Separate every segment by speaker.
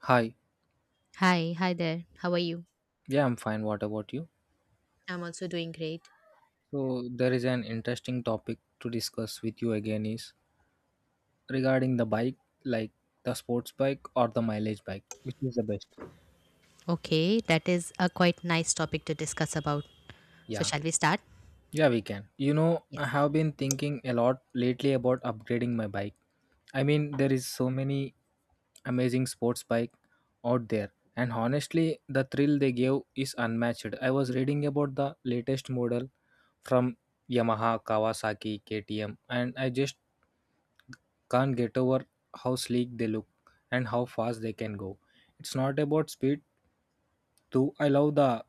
Speaker 1: Hi.
Speaker 2: Hi, there. How are you?
Speaker 1: Yeah, I'm fine. What about you?
Speaker 2: I'm also doing great.
Speaker 1: So there is an interesting topic to discuss with you again is regarding the bike, like the sports bike or the mileage bike, which is the best?
Speaker 2: Okay, that is a quite nice topic to discuss about. So,
Speaker 1: Yeah.
Speaker 2: shall we start?
Speaker 1: Yeah, we can. I
Speaker 2: Yes.
Speaker 1: have been thinking a lot lately about upgrading my bike. There is so many amazing sports bike out there, and honestly the thrill they give is unmatched. I was reading about the latest model from Yamaha, Kawasaki, KTM, and I just can't get over how sleek they look and how fast they can go. It's not about speed too. I love the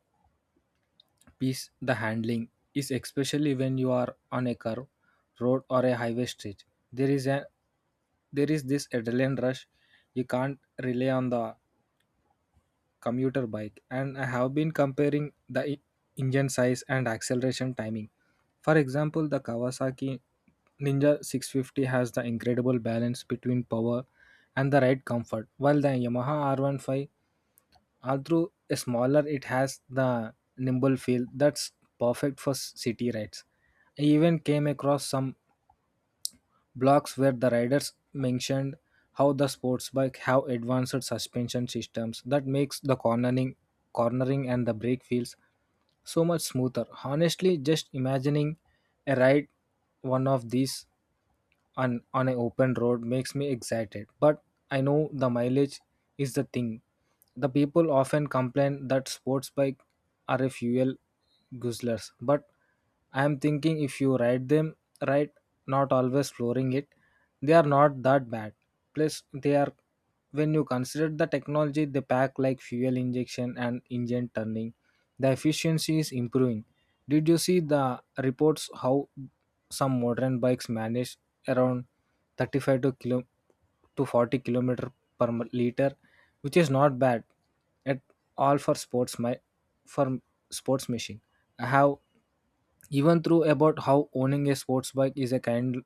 Speaker 1: piece, the handling is especially when you are on a curve, road, or a highway stretch. There is a there is this adrenaline rush. You can't rely on the commuter bike, and I have been comparing the engine size and acceleration timing. For example, the Kawasaki Ninja 650 has the incredible balance between power and the ride comfort, while the Yamaha R15, although smaller, it has the nimble feel that's perfect for city rides. I even came across some blogs where the riders mentioned how the sports bike have advanced suspension systems that makes the cornering and the brake feels so much smoother. Honestly, just imagining a ride one of these on an open road makes me excited. But I know the mileage is the thing. The people often complain that sports bike are a fuel guzzlers, but I am thinking if you ride them right, not always flooring it, they are not that bad. Plus they are, when you consider the technology they pack like fuel injection and engine turning, the efficiency is improving. Did you see the reports how some modern bikes manage around 35 to 40 kilometer per liter, which is not bad at all for for sports machine. I have even through about how owning a sports bike is a kind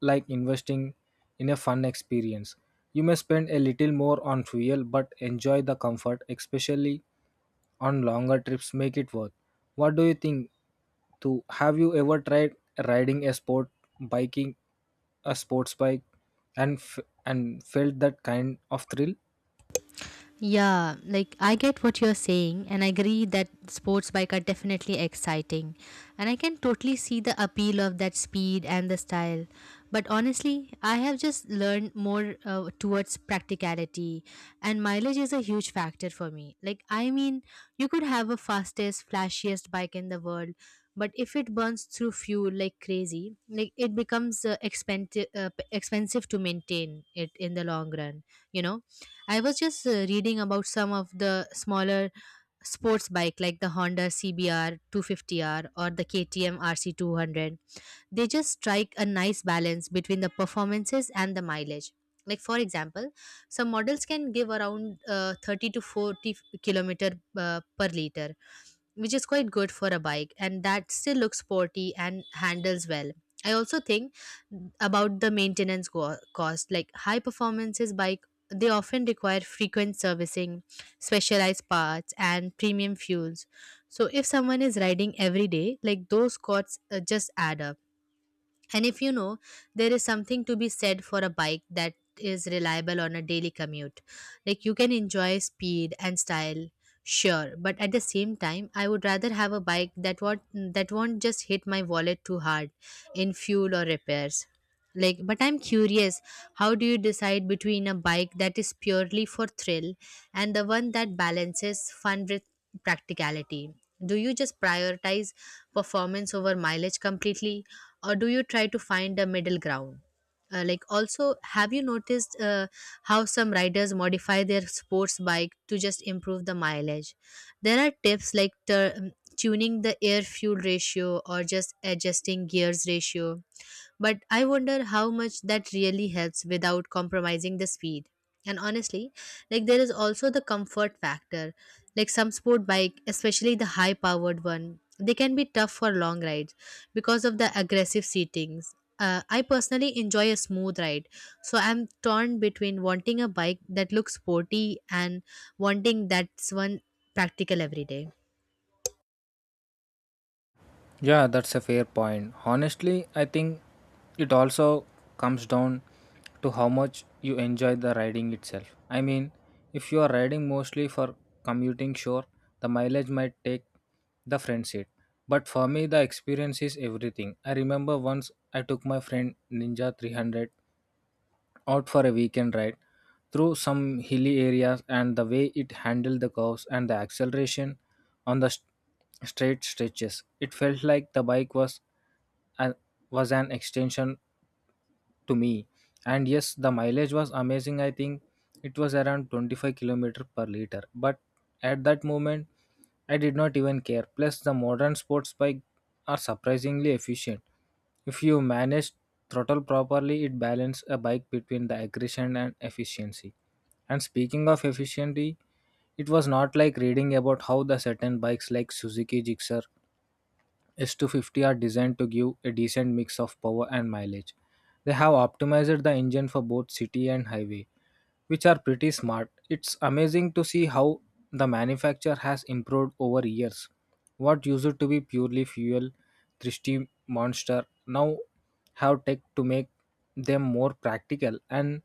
Speaker 1: like investing in a fun experience. You may spend a little more on fuel, but enjoy the comfort, especially on longer trips, make it worth. What do you think? To have you ever tried riding a sport biking, a sports bike, and felt that kind of thrill?
Speaker 2: Yeah, like I get what you're saying, and I agree that sports bike are definitely exciting. And I can totally see the appeal of that speed and the style. But honestly, I have just learned more towards practicality, and mileage is a huge factor for me. Like, I mean, you could have a fastest, flashiest bike in the world, but if it burns through fuel like crazy, like it becomes expensive, expensive to maintain it in the long run, you know? I was just reading about some of the smaller sports bike like the Honda CBR 250R or the KTM RC 200. They just strike a nice balance between the performances and the mileage. Like, for example, some models can give around 30 to 40 kilometer per liter, which is quite good for a bike and that still looks sporty and handles well. I also think about the cost. Like high performances bike, they often require frequent servicing, specialized parts and premium fuels. So if someone is riding every day, like those costs just add up. And if you know, there is something to be said for a bike that is reliable on a daily commute. Like, you can enjoy speed and style, sure, but at the same time, I would rather have a bike that won't just hit my wallet too hard in fuel or repairs. Like, but I'm curious, how do you decide between a bike that is purely for thrill and the one that balances fun with practicality? Do you just prioritize performance over mileage completely, or do you try to find a middle ground? Like, also, have you noticed how some riders modify their sports bike to just improve the mileage? There are tips like tuning the air fuel ratio or just adjusting gears ratio, but I wonder how much that really helps without compromising the speed. And honestly, like there is also the comfort factor. Like some sport bike, especially the high powered one, they can be tough for long rides because of the aggressive seatings. I personally enjoy a smooth ride, so I'm torn between wanting a bike that looks sporty and wanting that's one practical every day.
Speaker 1: Yeah, that's a fair point. Honestly, I think it also comes down to how much you enjoy the riding itself. I mean, if you are riding mostly for commuting, sure, the mileage might take the front seat. But for me, the experience is everything. I remember once I took my friend Ninja 300 out for a weekend ride through some hilly areas, and the way it handled the curves and the acceleration on the straight stretches, it felt like the bike was an, an extension to me. And yes, the mileage was amazing. I think it was around 25 kilometer per liter. But at that moment, I did not even care. Plus, the modern sports bike are surprisingly efficient. If you manage throttle properly, it balances a bike between the aggression and efficiency. And speaking of efficiency, it was not like reading about how the certain bikes like Suzuki Gixxer S250 are designed to give a decent mix of power and mileage. They have optimized the engine for both city and highway, which are pretty smart. It's amazing to see how the manufacturer has improved over years. What used to be purely fuel thirsty monster now have tech to make them more practical. And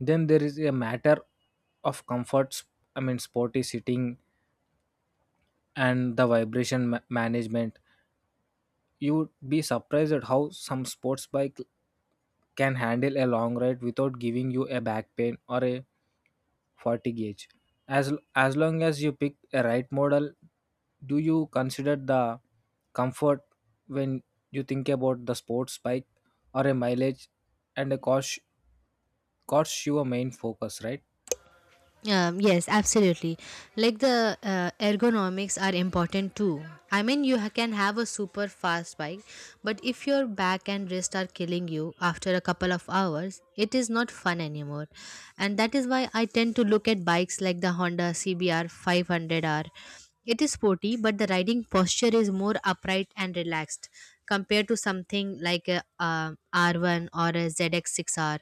Speaker 1: then there is a matter of comforts. Sporty sitting and the vibration management, you'd be surprised at how some sports bike can handle a long ride without giving you a back pain or a fatigue gauge. As long as you pick a right model, do you consider the comfort when you think about the sports bike, or a mileage and a cost your main focus, right?
Speaker 2: Yes, absolutely. Like the ergonomics are important too. I mean, you can have a super fast bike, but if your back and wrist are killing you after a couple of hours, it is not fun anymore. And that is why I tend to look at bikes like the Honda CBR 500R. It is sporty, but the riding posture is more upright and relaxed compared to something like a, R1 or a ZX6R.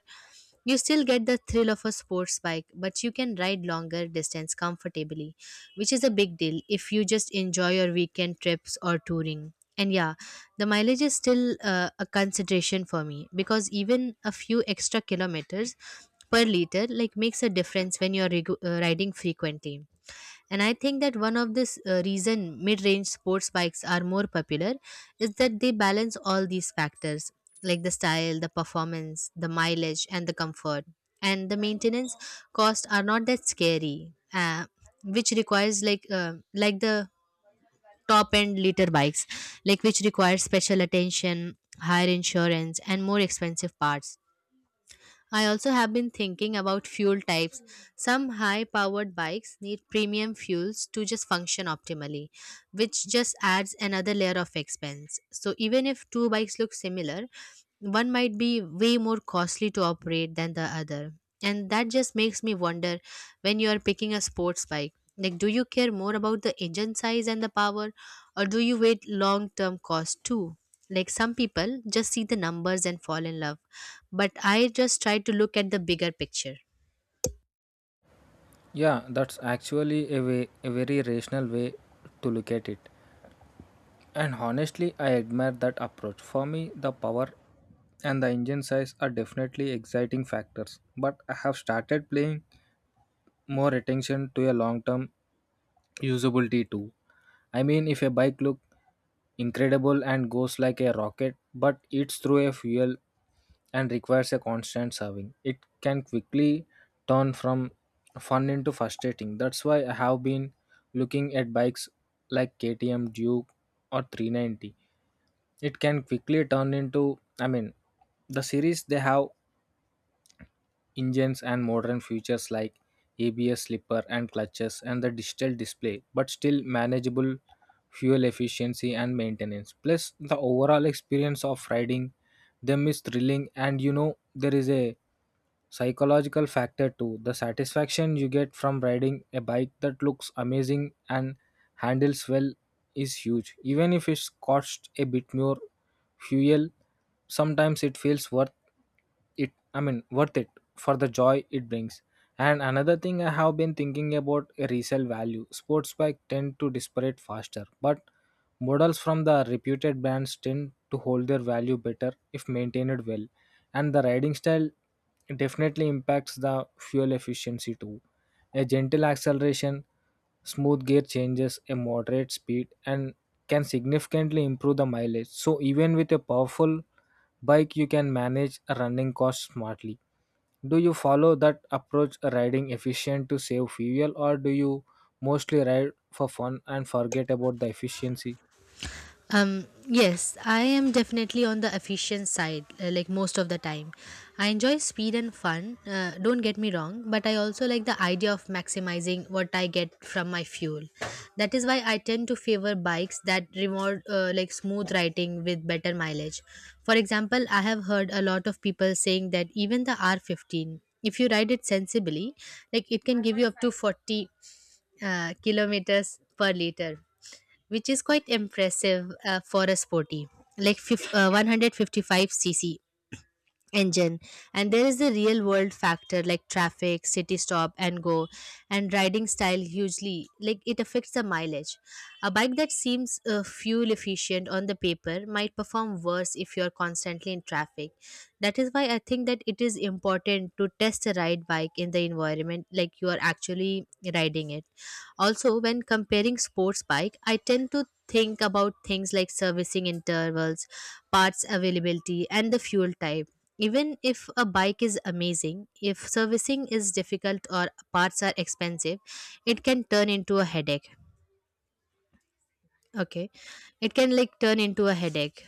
Speaker 2: You still get the thrill of a sports bike, but you can ride longer distance comfortably, which is a big deal if you just enjoy your weekend trips or touring. And yeah, the mileage is still a consideration for me because even a few extra kilometers per liter like makes a difference when you're riding frequently. And I think that one of the reason mid-range sports bikes are more popular is that they balance all these factors, like the style, the performance, the mileage and the comfort. And the maintenance costs are not that scary, uh, which requires like the top end liter bikes, like which requires special attention, higher insurance and more expensive parts. I also have been thinking about fuel types. Some high powered bikes need premium fuels to just function optimally, which just adds another layer of expense. So, even if two bikes look similar, one might be way more costly to operate than the other. And that just makes me wonder when you are picking a sports bike. Like, do you care more about the engine size and the power, or do you wait long term cost too? Like, some people just see the numbers and fall in love, but I just try to look at the bigger picture.
Speaker 1: Yeah, that's actually a very rational way to look at it. And honestly, I admire that approach. For me, the power and the engine size are definitely exciting factors, but I have started paying more attention to a long term usability too. I mean, if a bike look incredible and goes like a rocket, but eats through a fuel and requires a constant serving, it can quickly turn from fun into frustrating. That's why I have been looking at bikes like KTM Duke or 390. It can quickly turn into, the series they have engines and modern features like ABS slipper and clutches and the digital display, but still manageable fuel efficiency and maintenance. Plus, the overall experience of riding them is thrilling, and there is a psychological factor too. The satisfaction you get from riding a bike that looks amazing and handles well is huge. Even if it's cost a bit more fuel, sometimes it feels worth it. Worth it for the joy it brings. And another thing I have been thinking about a resale value. Sports bike tend to disparate faster, but models from the reputed brands tend to hold their value better if maintained well. And the riding style definitely impacts the fuel efficiency too. A gentle acceleration, smooth gear changes, a moderate speed, and can significantly improve the mileage. So, even with a powerful bike, you can manage running costs smartly. Do you follow that approach riding efficient to save fuel, or do you mostly ride for fun and forget about the efficiency?
Speaker 2: Yes, I am definitely on the efficient side, like most of the time. I enjoy speed and fun, don't get me wrong, but I also like the idea of maximizing what I get from my fuel. That is why I tend to favor bikes that reward like smooth riding with better mileage. For example, I have heard a lot of people saying that even the R15, if you ride it sensibly, like it can give you up to 40 kilometers per liter, which is quite impressive for a sporty like 155cc engine. And there is the real world factor, like traffic, city stop and go, and riding style hugely like it affects the mileage. A bike that seems fuel efficient on the paper might perform worse if you're constantly in traffic. That is why I think that it is important to test a ride bike in the environment like you are actually riding it. Also, when comparing sports bike, I tend to think about things like servicing intervals, parts availability and the fuel type. Even if a bike is amazing, if servicing is difficult or parts are expensive, it can turn into a headache. Okay. It can like turn into a headache.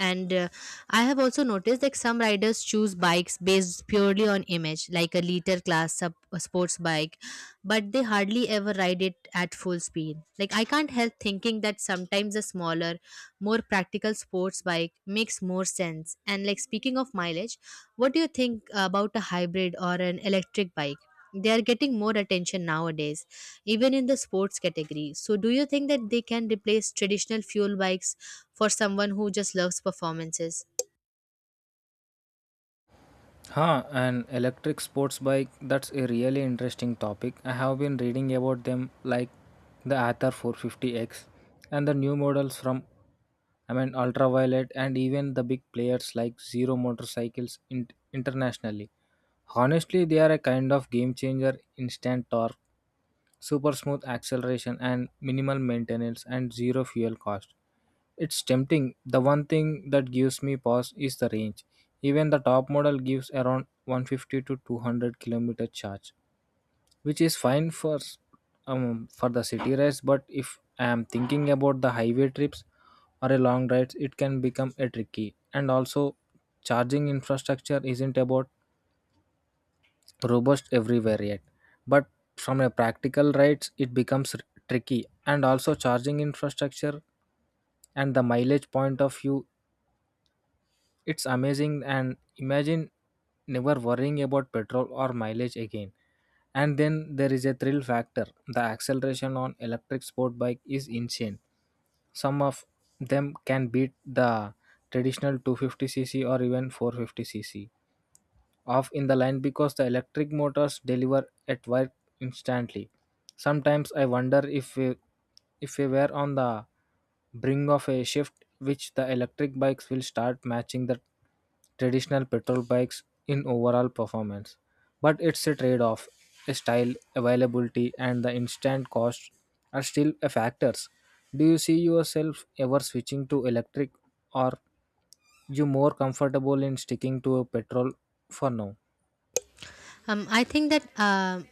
Speaker 2: And I have also noticed that some riders choose bikes based purely on image, like a liter class sub, a sports bike, but they hardly ever ride it at full speed. Like, I can't help thinking that sometimes a smaller, more practical sports bike makes more sense. And like speaking of mileage, what do you think about a hybrid or an electric bike? They are getting more attention nowadays, even in the sports category. So do you think that they can replace traditional fuel bikes for someone who just loves performances?
Speaker 1: Huh, an electric sports bike. That's a really interesting topic. I have been reading about them like the Aether 450X and the new models from Ultraviolet, and even the big players like Zero Motorcycles internationally. Honestly, they are a kind of game changer, instant torque, super smooth acceleration and minimal maintenance and zero fuel cost. It's tempting. The one thing that gives me pause is the range. Even the top model gives around 150 to 200 kilometer charge, which is fine for the city rides. But if I am thinking about the highway trips or a long rides, it can become a tricky. And also, charging infrastructure isn't about robust everywhere yet. But from a practical rights it becomes tricky, and also charging infrastructure and the mileage point of view, it's amazing. And imagine never worrying about petrol or mileage again. And then there is a thrill factor, the acceleration on electric sport bike is insane. Some of them can beat the traditional 250cc or even 450cc off in the line because the electric motors deliver at work instantly. Sometimes I wonder if we were on the brink of a shift which the electric bikes will start matching the traditional petrol bikes in overall performance. But it's a trade off. Style, availability, and the instant cost are still a factors. Do you see yourself ever switching to electric, or you more comfortable in sticking to a petrol for now?
Speaker 2: I think that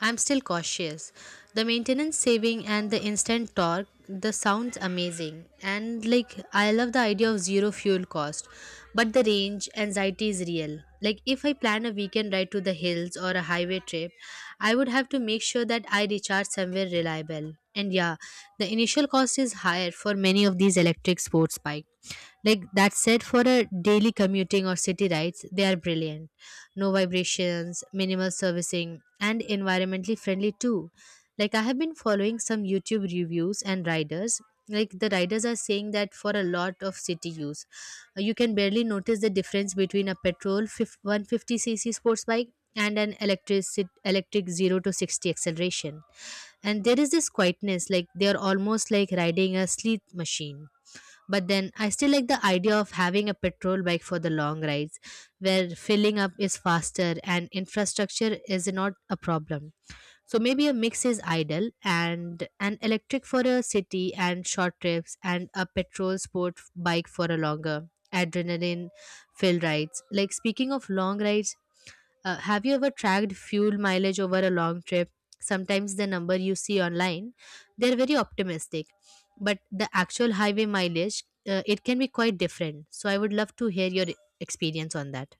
Speaker 2: I'm still cautious. The maintenance saving and the instant torque, the sounds amazing. And like I love the idea of zero fuel cost. But the range anxiety is real. Like if I plan a weekend ride to the hills or a highway trip, I would have to make sure that I recharge somewhere reliable. And yeah, the initial cost is higher for many of these electric sports bikes. Like that said, for a daily commuting or city rides, they are brilliant: no vibrations, minimal servicing, and environmentally friendly too. Like I have been following some YouTube reviews and riders. Like the riders are saying that for a lot of city use, you can barely notice the difference between a petrol 150cc sports bike and an electric 0 to 60 acceleration. And there is this quietness, like they are almost like riding a sleep machine. But then I still like the idea of having a petrol bike for the long rides where filling up is faster and infrastructure is not a problem. So maybe a mix is ideal: and an electric for a city and short trips, and a petrol sport bike for a longer adrenaline filled rides. Like speaking of long rides, have you ever tracked fuel mileage over a long trip? Sometimes the number you see online, they're very optimistic, but the actual highway mileage, it can be quite different. So I would love to hear your experience on that.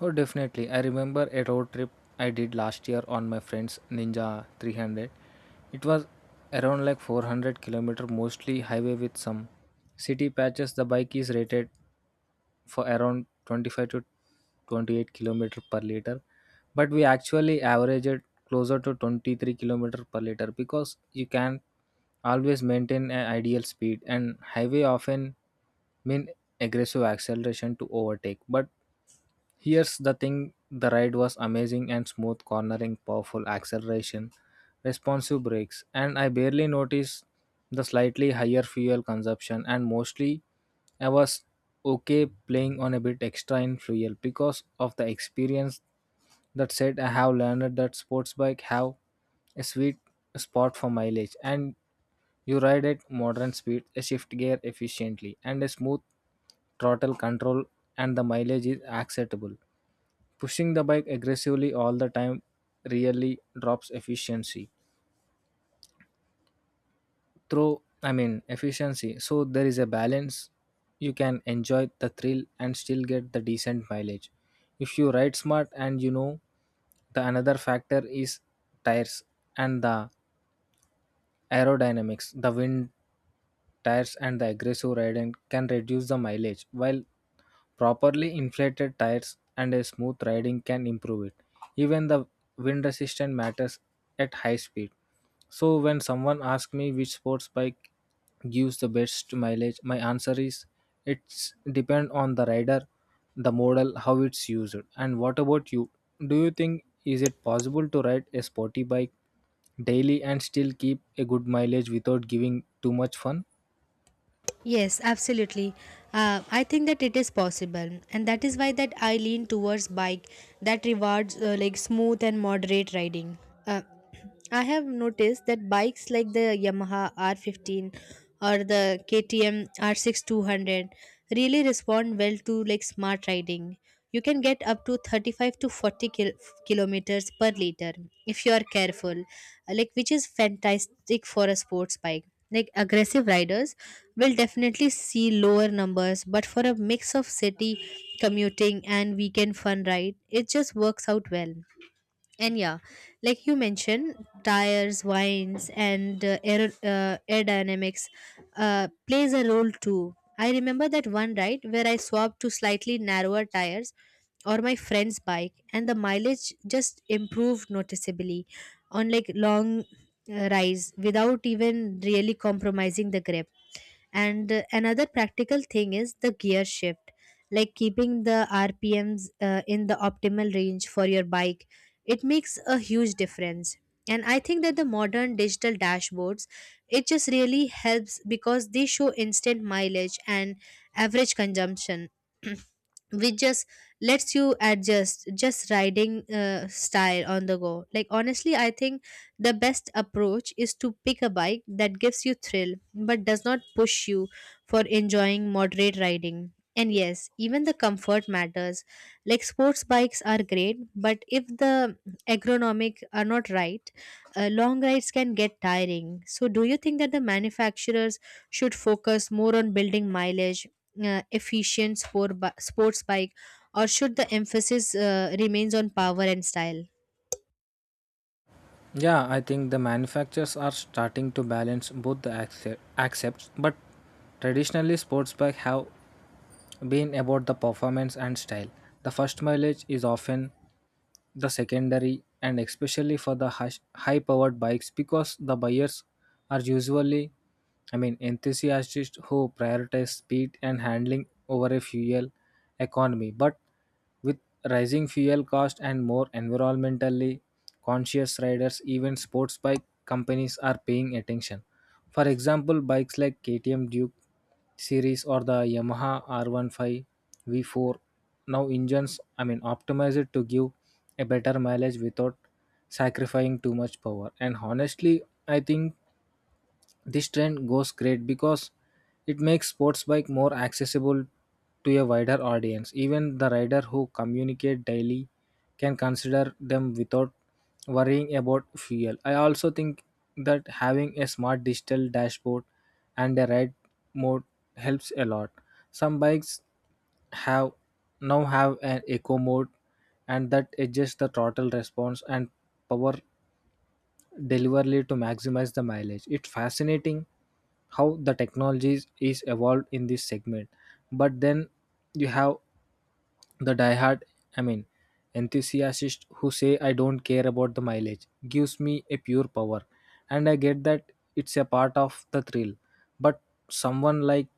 Speaker 1: Oh, definitely. I remember a road trip I did last year on my friend's Ninja 300. It was around like 400-kilometer, mostly highway with some city patches. The bike is rated for around 25 to 28 kilometer per liter, but we actually averaged closer to 23 kilometer per liter because you can not always maintain an ideal speed, and highway often mean aggressive acceleration to overtake, but here's the thing, the ride was amazing and smooth cornering, powerful acceleration, responsive brakes, and I barely noticed the slightly higher fuel consumption. And mostly, I was okay playing on a bit extra in fuel because of the experience. That said, I have learned that sports bike have a sweet spot for mileage, and you ride at modern speed, a shift gear efficiently, and a smooth throttle control, and the mileage is acceptable. Pushing the bike aggressively all the time really drops efficiency. Efficiency. So there is a balance. You can enjoy the thrill and still get the decent mileage if you ride smart. And the another factor is tires and the aerodynamics. The wind tires and the aggressive riding can reduce the mileage, while properly inflated tires and a smooth riding can improve it. Even the wind resistance matters at high speed. So when someone asks me which sports bike gives the best mileage, my answer is it's depend on the rider, the model, how it's used. And what about you? Do you think is it possible to ride a sporty bike daily and still keep a good mileage without giving too much fun?
Speaker 2: Yes, absolutely. I think that it is possible, and that is why that I lean towards bike that rewards like smooth and moderate riding. Uh, I have noticed that bikes like the Yamaha R15 or the KTM r 200 really respond well to like smart riding. You can get up to 35 to 40 kilometers per liter if you are careful, like which is fantastic for a sports bike. Like aggressive riders will definitely see lower numbers, but for a mix of city commuting and weekend fun ride, it just works out well. And yeah, like you mentioned, tires, winds, and aerodynamics plays a role too. I remember that one ride where I swapped to slightly narrower tires or my friend's bike, and the mileage just improved noticeably on like long rides without even really compromising the grip. And another practical thing is the gear shift, like keeping the rpms in the optimal range for your bike. It makes a huge difference. And I think that the modern digital dashboards, it just really helps because they show instant mileage and average consumption which just lets you adjust just riding style on the go. Like honestly, I think the best approach is to pick a bike that gives you thrill but does not push you for enjoying moderate riding. And yes, even the comfort matters. Like sports bikes are great, but if the ergonomic are not right, long rides can get tiring. So, do you think that the manufacturers should focus more on building mileage, efficient sports bike, or should the emphasis remains on power and style?
Speaker 1: Yeah, I think the manufacturers are starting to balance both the but traditionally sports bikes have been about the performance and style. The first mileage is often the secondary, and especially for the high powered bikes, because the buyers are usually, I mean, enthusiasts who prioritize speed and handling over a fuel economy. But with rising fuel cost and more environmentally conscious riders, even sports bike companies are paying attention. For example, bikes like KTM Duke series or the Yamaha R15 V4 now engines, I mean, optimized to give a better mileage without sacrificing too much power. And honestly, I think this trend goes great because it makes sports bike more accessible to a wider audience. Even the rider who communicate daily can consider them without worrying about fuel. I also think that having a smart digital dashboard and a ride mode helps a lot. Some bikes have now have an eco mode, and that adjusts the throttle response and power deliberately to maximize the mileage. It's fascinating how the technology is evolved in this segment. But then you have the diehard, I mean, enthusiast who say I don't care about the mileage, gives me a pure power, and I get that, it's a part of the thrill. But someone like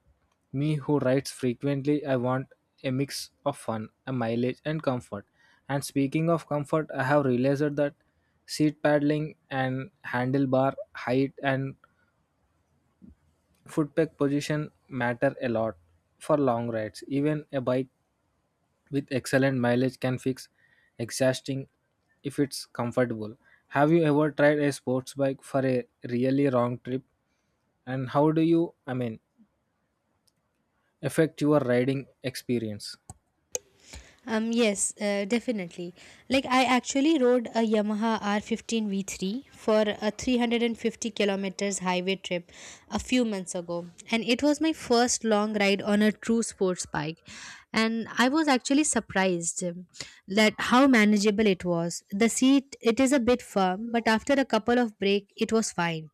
Speaker 1: me who writes frequently, I want a mix of fun, a mileage and comfort. And speaking of comfort, I have realized that seat paddling and handlebar height and footpeg position matter a lot for long rides. Even a bike with excellent mileage can fix exhausting if it's comfortable. Have you ever tried a sports bike for a really long trip? And how do you, I mean, affect your riding experience?
Speaker 2: Yes, definitely. Like I actually rode a Yamaha R15 V3 for a 350 kilometers highway trip a few months ago, and it was my first long ride on a true sports bike, and I was actually surprised him that how manageable it was. The seat it is a bit firm, but after a couple of break it was fine.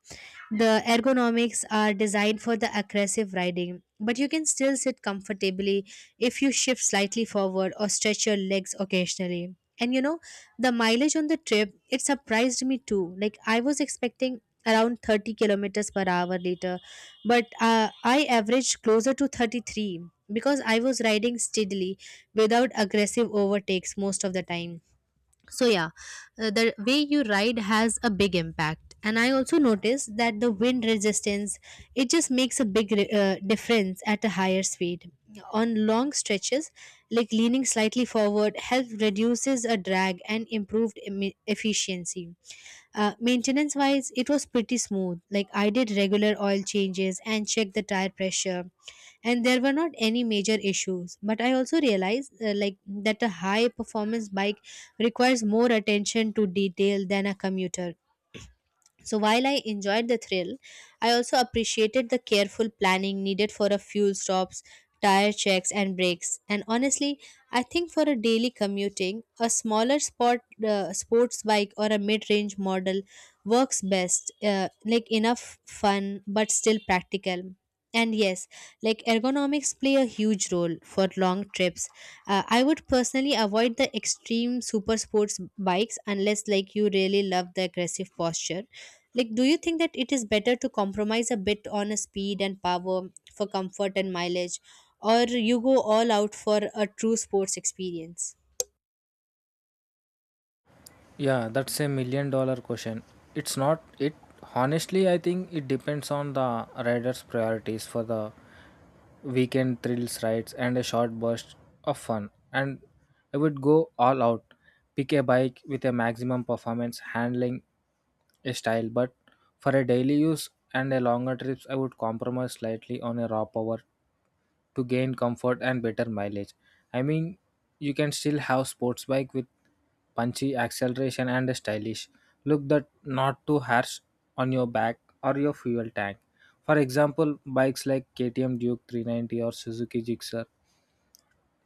Speaker 2: The ergonomics are designed for the aggressive riding, but you can still sit comfortably if you shift slightly forward or stretch your legs occasionally. And you know, the mileage on the trip, it surprised me too. Like I was expecting around 30 kilometers per hour later, but I averaged closer to 33 because I was riding steadily without aggressive overtakes most of the time. So yeah, the way you ride has a big impact, and I also noticed that the wind resistance, it just makes a big difference at a higher speed on long stretches. Like leaning slightly forward helps reduces a drag and improved efficiency. Maintenance wise, it was pretty smooth. Like I did regular oil changes and checked the tire pressure, and there were not any major issues, but I also realized like that a high performance bike requires more attention to detail than a commuter. So while I enjoyed the thrill, I also appreciated the careful planning needed for a fuel stops, tire checks and brakes. And honestly, I think for a daily commuting, a smaller sport sports bike or a mid-range model works best. Like enough fun but still practical. And yes, like ergonomics play a huge role for long trips. I would personally avoid the extreme super sports bikes unless like you really love the aggressive posture. Like, do you think that it is better to compromise a bit on a speed and power for comfort and mileage, or you go all out for a true sports experience?
Speaker 1: Yeah, that's a million dollar question. It's not it Honestly, I think it depends on the rider's priorities. For the weekend thrills rides and a short burst of fun, and I would go all out, pick a bike with a maximum performance, handling, a style. But for a daily use and a longer trips, I would compromise slightly on a raw power to gain comfort and better mileage. I mean, you can still have sports bike with punchy acceleration and a stylish look that not too harsh on your back or your fuel tank. For example, bikes like KTM Duke 390 or Suzuki Gixxer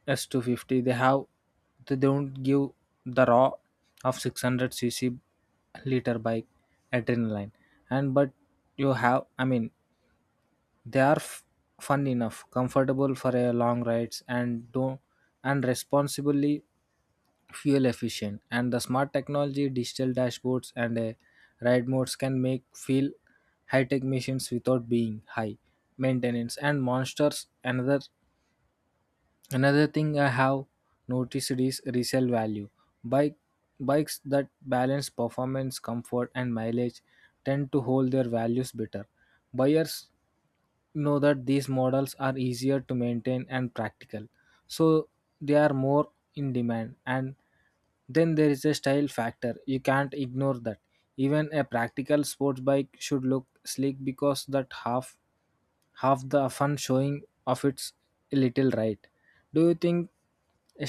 Speaker 1: S250, they don't give the raw of 600 cc liter bike adrenaline, and but you have, I mean, they are fun enough, comfortable for a long rides, and don't, and responsibly fuel efficient. And the smart technology, digital dashboards, and a ride modes can make feel high-tech machines without being high maintenance and monsters. Another thing I have noticed is resale value. Bike bikes that balance performance, comfort, and mileage tend to hold their values better. Buyers know that these models are easier to maintain and practical, so they are more in demand. And then there is a style factor you can't ignore, that even a practical sports bike should look sleek because that half the fun, showing of its, a little, right? Do you think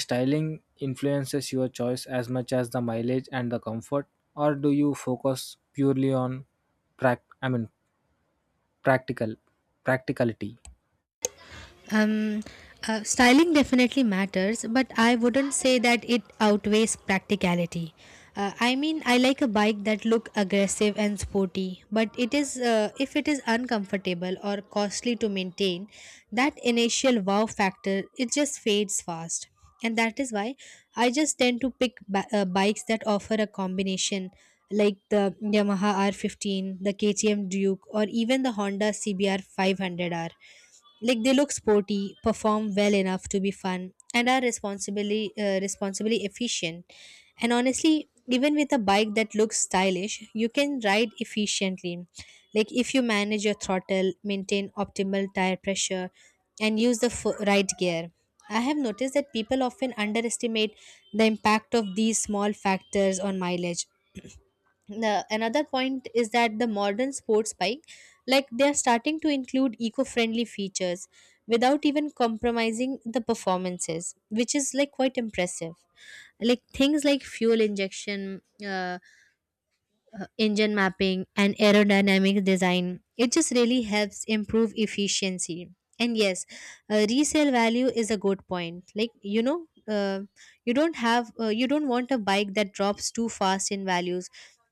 Speaker 1: styling influences your choice as much as the mileage and the comfort, or do you focus purely on I mean practical practicality?
Speaker 2: Um, Styling definitely matters, but I wouldn't say that it outweighs practicality. I mean, I like a bike that look aggressive and sporty, but it is if it is uncomfortable or costly to maintain, that initial wow factor it just fades fast, and that is why I just tend to pick bikes that offer a combination like the Yamaha R15, the KTM Duke, or even the Honda CBR 500R. Like they look sporty, perform well enough to be fun, and are responsibly efficient. And honestly, even with a bike that looks stylish, you can ride efficiently. Like if you manage your throttle, maintain optimal tire pressure, and use the right gear, I have noticed that people often underestimate the impact of these small factors on mileage. The another point is that the modern sports bike, like they are starting to include eco-friendly features without even compromising the performances, which is like quite impressive. Like things like fuel injection, engine mapping and aerodynamic design, it just really helps improve efficiency. And yes, resale value is a good point. Like you don't have you don't want a bike that drops too fast in values,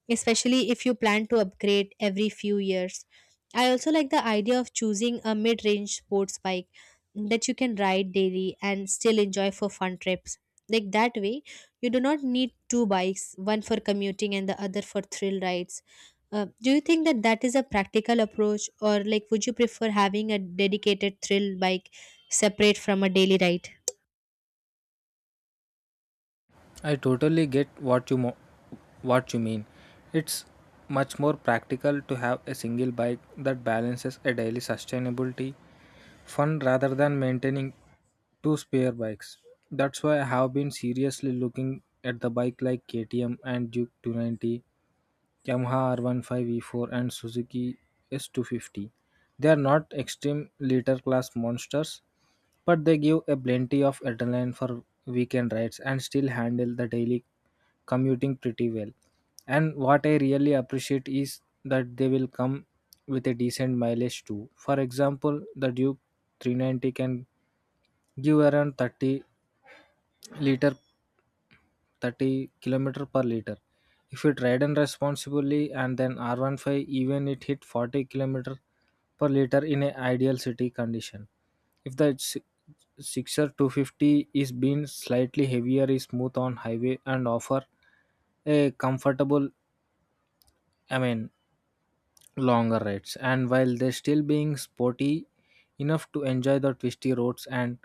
Speaker 2: especially if you plan to upgrade every few years. I also like the idea of choosing a mid-range sports bike that you can ride daily and still enjoy for fun trips. Like that way, you do not need two bikes, one for commuting and the other for thrill rides. Do you think that that is a practical approach, or like would you prefer having a dedicated thrill bike separate from a daily ride?
Speaker 1: I totally get what what you mean. It's much more practical to have a single bike that balances a daily sustainability fun rather than maintaining two spare bikes. That's why I have been seriously looking at the bike like KTM and Duke 290, Yamaha R15V4 and Suzuki S250. They are not extreme liter class monsters, but they give a plenty of adrenaline for weekend rides and still handle the daily commuting pretty well. And what I really appreciate is that they will come with a decent mileage too. For example, the Duke 390 can give around 30 liter, 30 kilometer per liter, if it ridden responsibly. And then R15, even it hit 40 kilometer per liter in an ideal city condition. If the si- Sixer 250 is being slightly heavier, is smooth on highway and offer a comfortable, I mean, longer rides, and while they're still being sporty enough to enjoy the twisty roads. And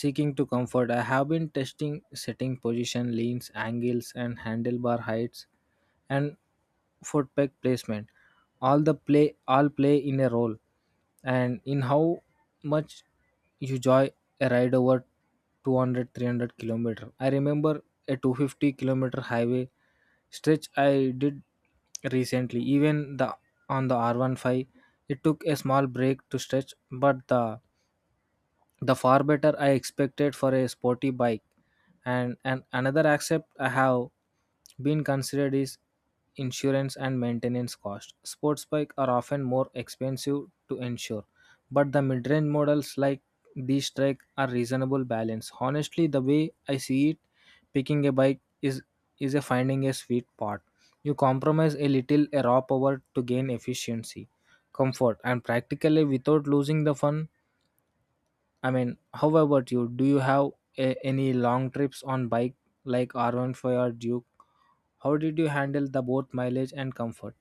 Speaker 1: seeking to comfort, I have been testing setting position, leans angles and handlebar heights and foot peg placement, all play in a role, and in how much you enjoy a ride over 200 300 kilometer. I remember a 250 kilometer highway stretch I did recently. Even the On the R15, it took a small break to stretch, but the far better I expected for a sporty bike. And another accept I have been considered is insurance and maintenance cost. Sports bike are often more expensive to insure, but the mid-range models like these strike are reasonable balance. Honestly, the way I see it, picking a bike is a finding a sweet spot. You compromise a little a raw power to gain efficiency, comfort, and practically without losing the fun. I mean, how about you? Do you have any long trips on bike like R15 or Duke? How did you handle the both mileage and comfort?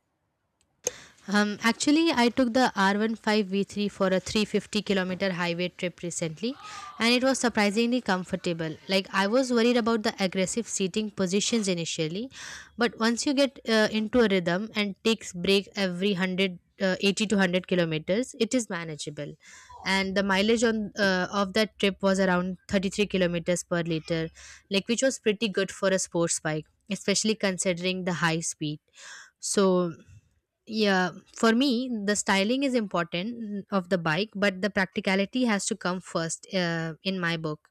Speaker 2: Actually, I took the R15 V3 for a 350-kilometer highway trip recently, and it was surprisingly comfortable. Like, I was worried about the aggressive seating positions initially, but once you get into a rhythm and takes break every 100 uh, 80 to 100 kilometers, it is manageable. And the mileage on of that trip was around 33 kilometers per liter, like which was pretty good for a sports bike, especially considering the high speed. So yeah, for me the styling is important of the bike, but the practicality has to come first in my book.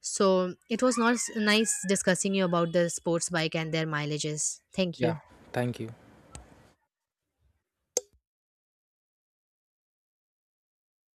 Speaker 2: So it was not nice discussing you about the sports bike and their mileages. Thank
Speaker 1: Yeah,
Speaker 2: you.
Speaker 1: thank you.